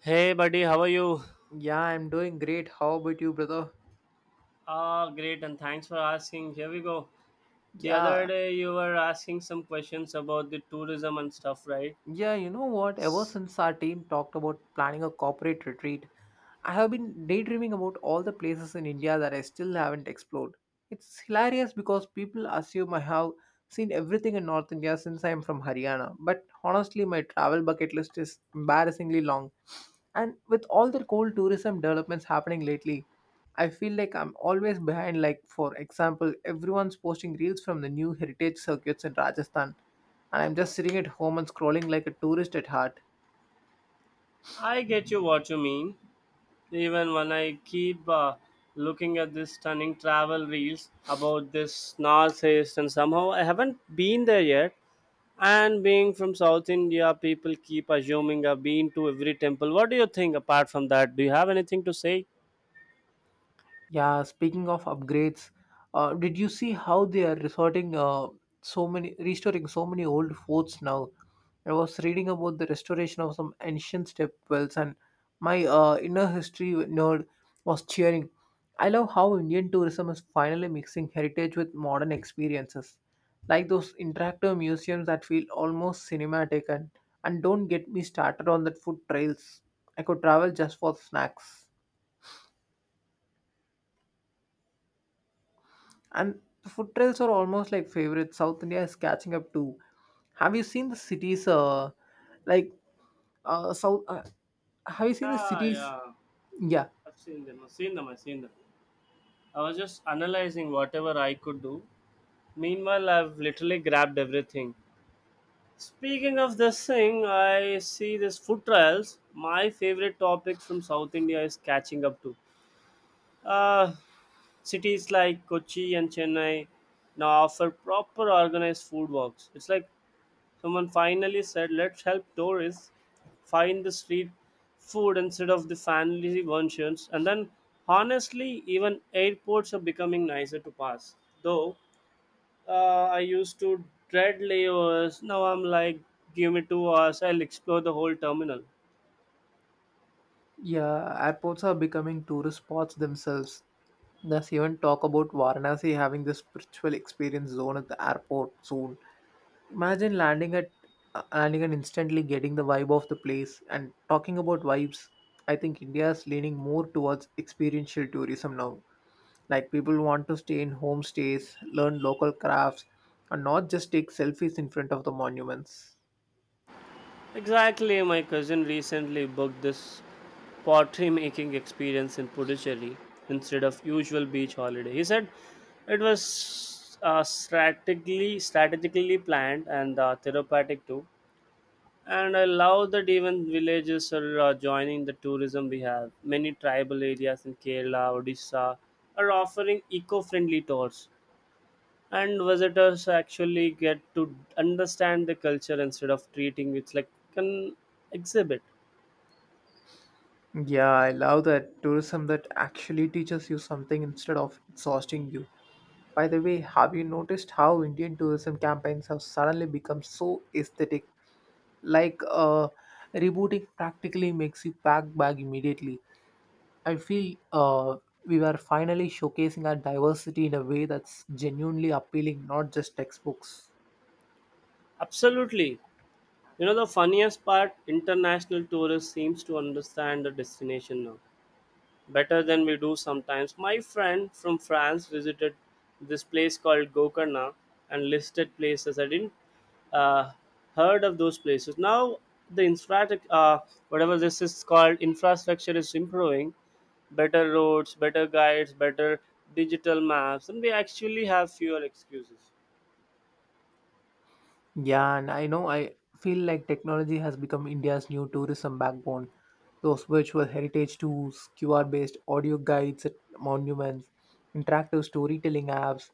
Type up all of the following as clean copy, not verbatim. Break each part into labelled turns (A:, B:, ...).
A: Hey buddy, how are you?
B: Yeah, I'm doing great. How about you, brother?
A: Ah, great, and thanks for asking. Here we go. The other
B: Yeah,
A: day you were asking some questions about the tourism and stuff, right?
B: yeah, you know what? Ever
A: S-
B: since our team talked about planning a corporate retreat, I have been daydreaming about all the places in India that I still haven't explored. It's hilarious because people assume I have seen everything in North India since I am from Haryana, but honestly, my travel bucket list is embarrassingly long. And with all the cold tourism developments happening lately, I feel like I'm always behind. Like, for example, everyone's posting reels from the new heritage circuits in Rajasthan, and I'm just sitting at home and scrolling like a tourist at heart.
A: I get you what you mean. Even when I keep looking at these stunning travel reels about this North East, and somehow I haven't been there yet. And being from South India, people keep assuming I've been to every temple. What do you think apart from that? Do you have anything to say?
B: Yeah, speaking of upgrades, did you see how they are resorting so many restoring so many old forts now? I was reading about the restoration of some ancient stepwells, and my inner history nerd was cheering. I love how Indian tourism is finally mixing heritage with modern experiences, like those interactive museums that feel almost cinematic. And don't get me started on that food trails. I could travel just for snacks. And food trails are almost like favorite. South India is catching up too. Have you seen the cities? Like South. Have you seen the
A: Yeah,
B: cities?
A: yeah.
B: Yeah,
A: I've seen them. I've seen them. I've seen them. I was just analyzing whatever I could do. Meanwhile, I've literally grabbed everything. Speaking of this thing, I see this food trials. My favorite topics from South India is catching up to. Uh, Cities like Kochi and Chennai now offer proper organized food walks. It's like someone finally said, let's help tourists find the street food instead of the fancy versions. And then, honestly, even airports are becoming nicer to pass. Though I used to dread layovers. Now I'm like, give me 2 hours, I'll explore the whole terminal.
B: yeah. Airports are becoming tourist spots themselves. There's even talk about Varanasi having the spiritual experience zone at the airport soon. Imagine landing and instantly getting the vibe of the place. And talking about vibes, I think India is leaning more towards experiential tourism now. Like people want to stay in homestays, learn local crafts, and not just take selfies in front of the monuments.
A: Exactly, my cousin recently booked this pottery making experience in Puducherry instead of usual beach holiday. He said it was strategically planned and therapeutic too. And I love that even villages are joining the tourism we have. Many tribal areas in Kerala, Odisha are offering eco-friendly tours and visitors actually get to understand the culture instead of treating it like an exhibit.
B: Yeah, I love that tourism that actually teaches you something instead of exhausting you. By the way, have you noticed how Indian tourism campaigns have suddenly become so aesthetic? Like rebooting practically makes you pack bag immediately. I feel we were finally showcasing our diversity in a way that's genuinely appealing, not just textbooks.
A: Absolutely. You know the funniest part, international tourists seems to understand the destination now better than we do sometimes. My friend from France visited this place called Gokarna and listed places. I didn't uh, heard of those places. Now the infra, uh, whatever this is called, infrastructure is improving. Better roads, better guides, better digital maps, and we actually have fewer excuses.
B: Yeah, and I know I feel like technology has become India's new tourism backbone. Those virtual heritage tours, QR-based audio guides at monuments, interactive storytelling apps.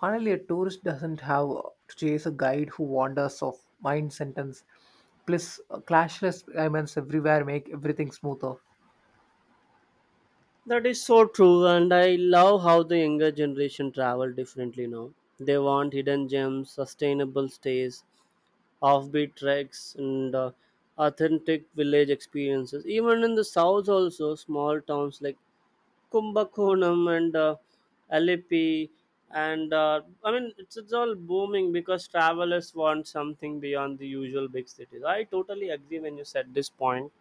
B: Finally, a tourist doesn't have to chase a guide who wanders off mind sentence. Plus, clashless payments everywhere make everything smoother.
A: That is so true, and I love how the younger generation travel differently now. They want hidden gems, sustainable stays, offbeat treks and authentic village experiences. Even in the south, also small towns like Kumbakonam and Alipi, and I mean it's all booming because travelers want something beyond the usual big cities. I totally agree when you said this point,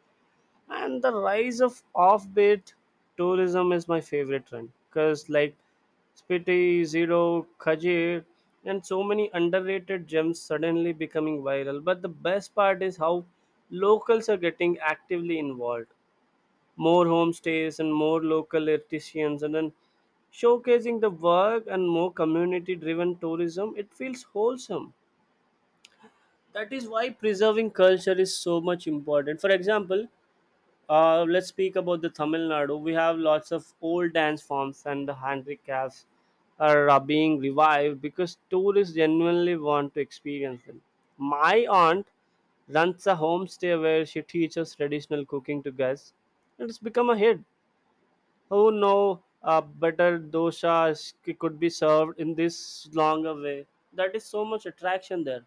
A: and the rise of offbeat tourism is my favorite trend because like Spiti, Zero, Khajir, and so many underrated gems suddenly becoming viral. But the best part is how locals are getting actively involved. More homestays and more local artisans, and then showcasing the work and more community driven tourism. It feels wholesome. That is why preserving culture is so much important. For example, let's speak about the Tamil Nadu. We have lots of old dance forms and the handicrafts are being revived because tourists genuinely want to experience them. My aunt runs a homestay where she teaches traditional cooking to guests, and it's become a hit. Who know better dosa could be served in this longer way. That is so much attraction there.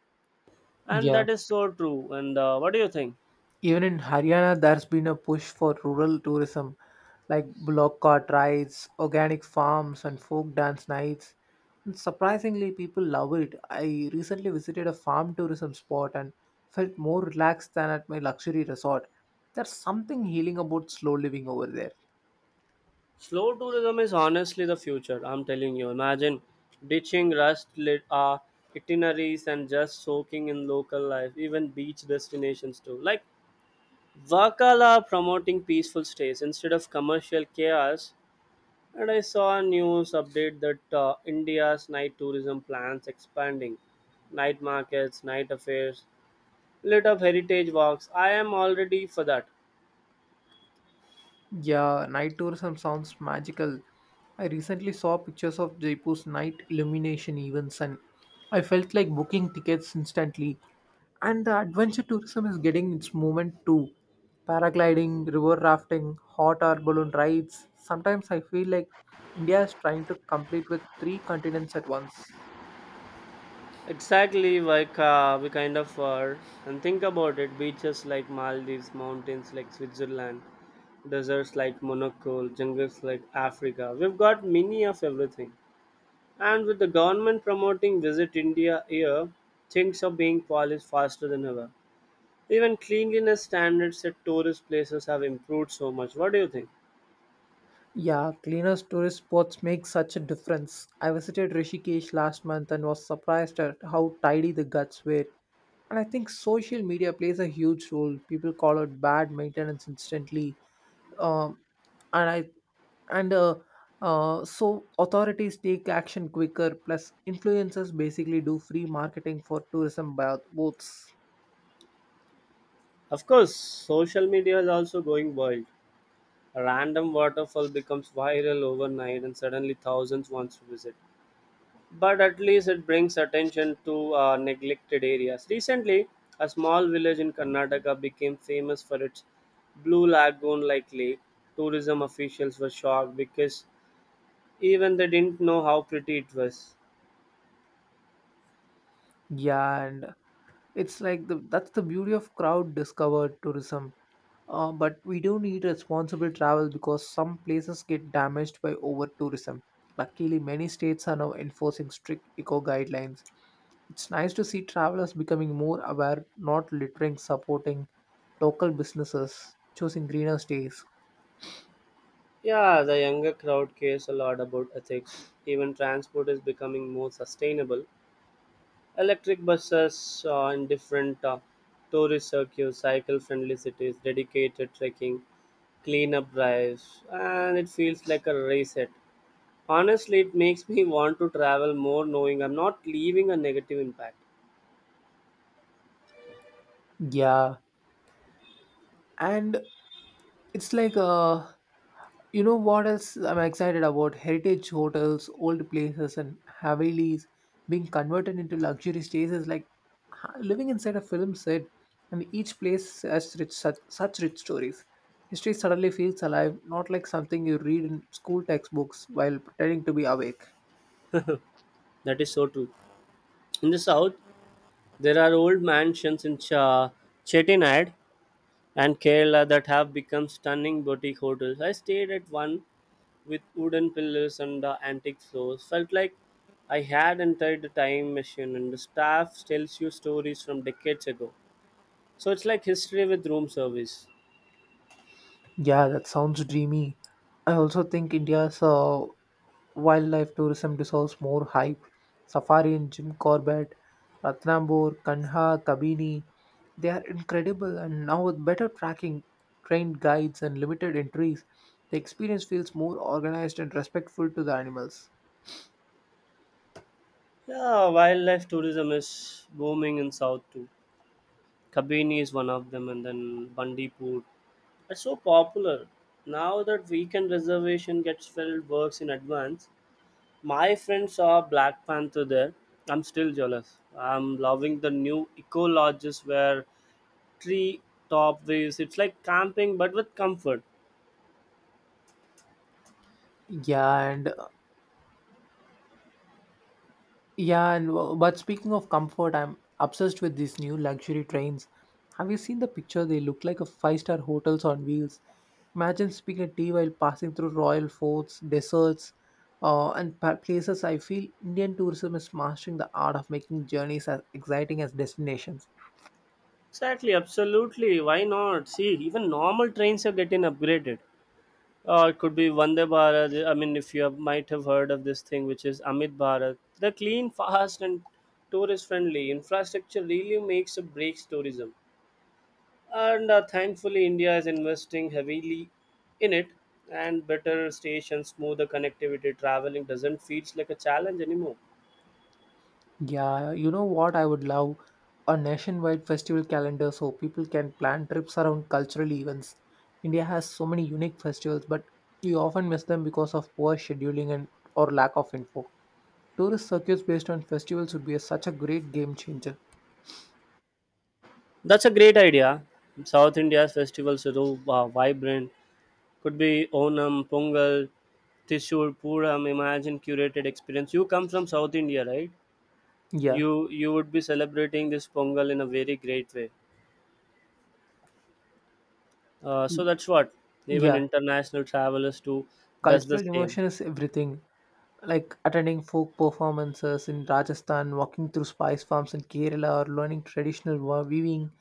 A: And
B: Yeah.
A: that is so true. And what do you think?
B: Even in Haryana, there's been a push for rural tourism, like block cart rides, organic farms, and folk dance nights. And surprisingly, people love it. I recently visited a farm tourism spot and felt more relaxed than at my luxury resort. There's something healing about slow living over there.
A: Slow tourism is honestly the future, I'm telling you. Imagine ditching rust lit itineraries and just soaking in local life, even beach destinations too. Like Vakala promoting peaceful stays instead of commercial chaos. And I saw a news update that India's night tourism plans expanding. Night markets, night affairs, lit up heritage walks. I am already for that.
B: Yeah, night tourism sounds magical. I recently saw pictures of Jaipur's night illumination events and I felt like booking tickets instantly. And the adventure tourism is getting its moment too. Paragliding, river rafting, hot air balloon rides. Sometimes I feel like India is trying to compete with three continents at once.
A: Exactly, like we kind of are. And think about it, beaches like Maldives, mountains like Switzerland, deserts like Monaco, jungles like Africa. We've got many of everything. And with the government promoting Visit India here, things are being polished faster than ever. Even cleanliness standards at tourist places have improved so much. What do you think?
B: Yeah, cleaner tourist spots make such a difference. I visited Rishikesh last month and was surprised at how tidy the guts were. And I think social media plays a huge role. People call out bad maintenance instantly, um, and I and so authorities take action quicker. Plus, influencers basically do free marketing for tourism boats.
A: Of course, social media is also going wild. A random waterfall becomes viral overnight, and suddenly thousands wants to visit, but at least it brings attention to neglected areas. Recently, a small village in Karnataka became famous for its blue lagoon like lake. Tourism officials were shocked because even they didn't know how pretty it was.
B: Yeah, and It's like the that's the beauty of crowd discovered tourism. But we do need responsible travel because some places get damaged by over tourism. Luckily, many states are now enforcing strict eco guidelines. It's nice to see travelers becoming more aware, not littering, supporting local businesses, choosing greener stays.
A: Yeah, the younger crowd cares a lot about ethics. Even transport is becoming more sustainable. Electric buses in different tourist circuits, cycle-friendly cities, dedicated trekking, cleanup drives, and it feels like a reset. Honestly, it makes me want to travel more, knowing I'm not leaving a negative impact.
B: Yeah, and It's like you know what else I'm excited about? Heritage hotels, old places, and Havelis being converted into luxury stays is like living inside a film set, and each place has such rich stories. History suddenly feels alive, not like something you read in school textbooks while pretending to be awake.
A: That is so true. In the south, there are old mansions in Chettinad and Kerala that have become stunning boutique hotels. I stayed at one with wooden pillars and the antique floors. Felt like I had entered the time machine, and the staff tells you stories from decades ago. So it's like history with room service.
B: Yeah, that sounds dreamy. I also think India's wildlife tourism deserves more hype. Safari in Jim Corbett, Ratnambore, Kanha, Kabini, they are incredible. And now with better tracking, trained guides, and limited entries, the experience feels more organized and respectful to the animals.
A: Yeah, wildlife tourism is booming in South too. Kabini is one of them, and then Bandipur. It's so popular now that weekend reservation gets filled works in advance. My friends saw Black Panther there. I'm still jealous. I'm loving the new eco lodges where tree top views. It's like camping but with comfort.
B: Yeah, and Yeah, and but speaking of comfort, I'm obsessed with these new luxury trains. Have you seen the picture? They look like a five-star hotels on wheels. Imagine sipping a tea while passing through royal forts, deserts, places. I feel Indian tourism is mastering the art of making journeys as exciting as destinations.
A: Exactly, absolutely. Why not? See, even normal trains are getting upgraded. Or it could be Vande Bharat. I mean, if you have, might have heard of this thing, which is Amit Bharat. They're clean, fast, and tourist friendly. Infrastructure really makes or breaks tourism. And thankfully India is investing heavily in it, and better stations, smoother connectivity, traveling doesn't feel like a challenge anymore.
B: Yeah, you know what? I would love a nationwide festival calendar so people can plan trips around cultural events. India has so many unique festivals, but you often miss them because of poor scheduling and or lack of info. Tourist circuits based on festivals would be such a great game changer.
A: That's a great idea. South India's festivals are so, vibrant. Could be Onam, Pongal, Tissur, Puram. Imagine curated experience. You come from South India, right?
B: Yeah,
A: You you would be celebrating this Pongal in a very great way. So that's what even
B: yeah.
A: international travelers too does the
B: Cultural
A: same.
B: immersion is everything. Like attending folk performances in Rajasthan, walking through spice farms in Kerala, or learning traditional weaving.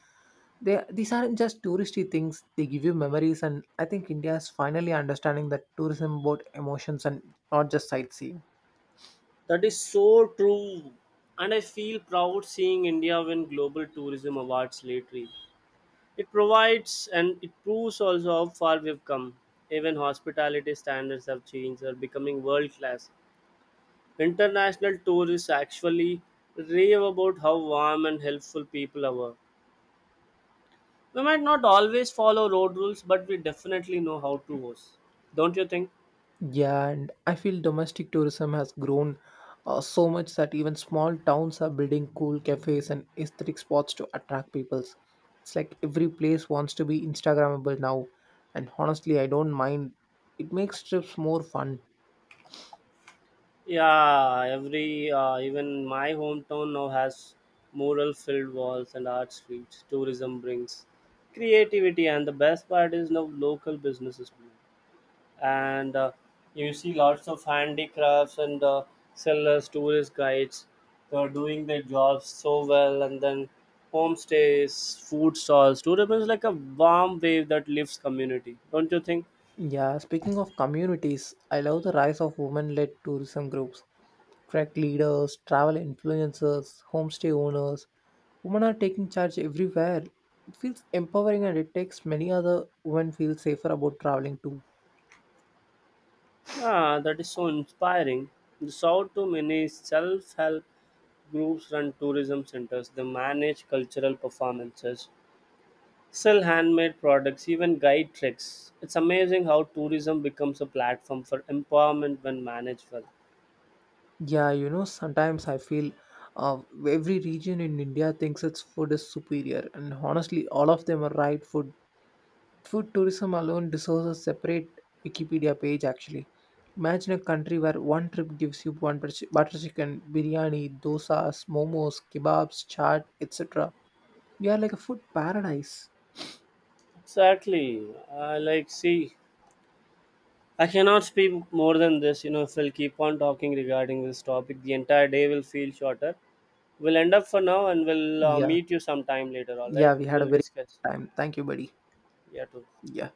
B: These aren't just touristy things, they give you memories, and I think India is finally understanding that tourism about emotions and not just sightseeing.
A: That is so true. And I feel proud seeing India win Global Tourism Awards lately. It provides and it proves also how far we've come. Even hospitality standards have changed, are becoming world class. International tourists actually rave about how warm and helpful people are. We might not always follow road rules, but we definitely know how to host. Don't you think?
B: Yeah, and I feel domestic tourism has grown so much that even small towns are building cool cafes and aesthetic spots to attract peoples. It's like every place wants to be Instagrammable now, and honestly, I don't mind. It makes trips more fun.
A: Yeah, every even my hometown now has mural filled walls and art streets. Tourism brings creativity, and the best part is now local businesses bloom. And you see lots of handicrafts and sellers, tourist guides. They're doing their jobs so well, and then homestays, food stalls. Tourism is like a warm wave that lifts community. Don't you think?
B: Yeah, speaking of communities, I love the rise of women led tourism groups, track leaders, travel influencers, homestay owners. Women are taking charge everywhere. It feels empowering and it takes many other women feel safer about traveling too.
A: Yeah, that is so inspiring. The South too many self help groups run tourism centers, they manage cultural performances, sell handmade products, even guide treks. It's amazing how tourism becomes a platform for empowerment when managed well.
B: Yeah, you know, sometimes I feel uh, every region in India thinks its food is superior, and honestly, all of them are right. Food tourism alone deserves a separate Wikipedia page actually. Imagine a country where one trip gives you one butter chicken, biryani, dosas, momos, kebabs, chaat, etc. We are like a food paradise.
A: Exactly. I like, see, I cannot speak more than this. You know, if we'll keep on talking regarding this topic, the entire day will feel shorter. We'll end up for now and we'll
B: Yeah.
A: meet you sometime later, alright?
B: Yeah, we had a
A: We'll
B: very
A: discuss.
B: good time. Thank you, buddy.
A: Yeah, too.
B: Yeah.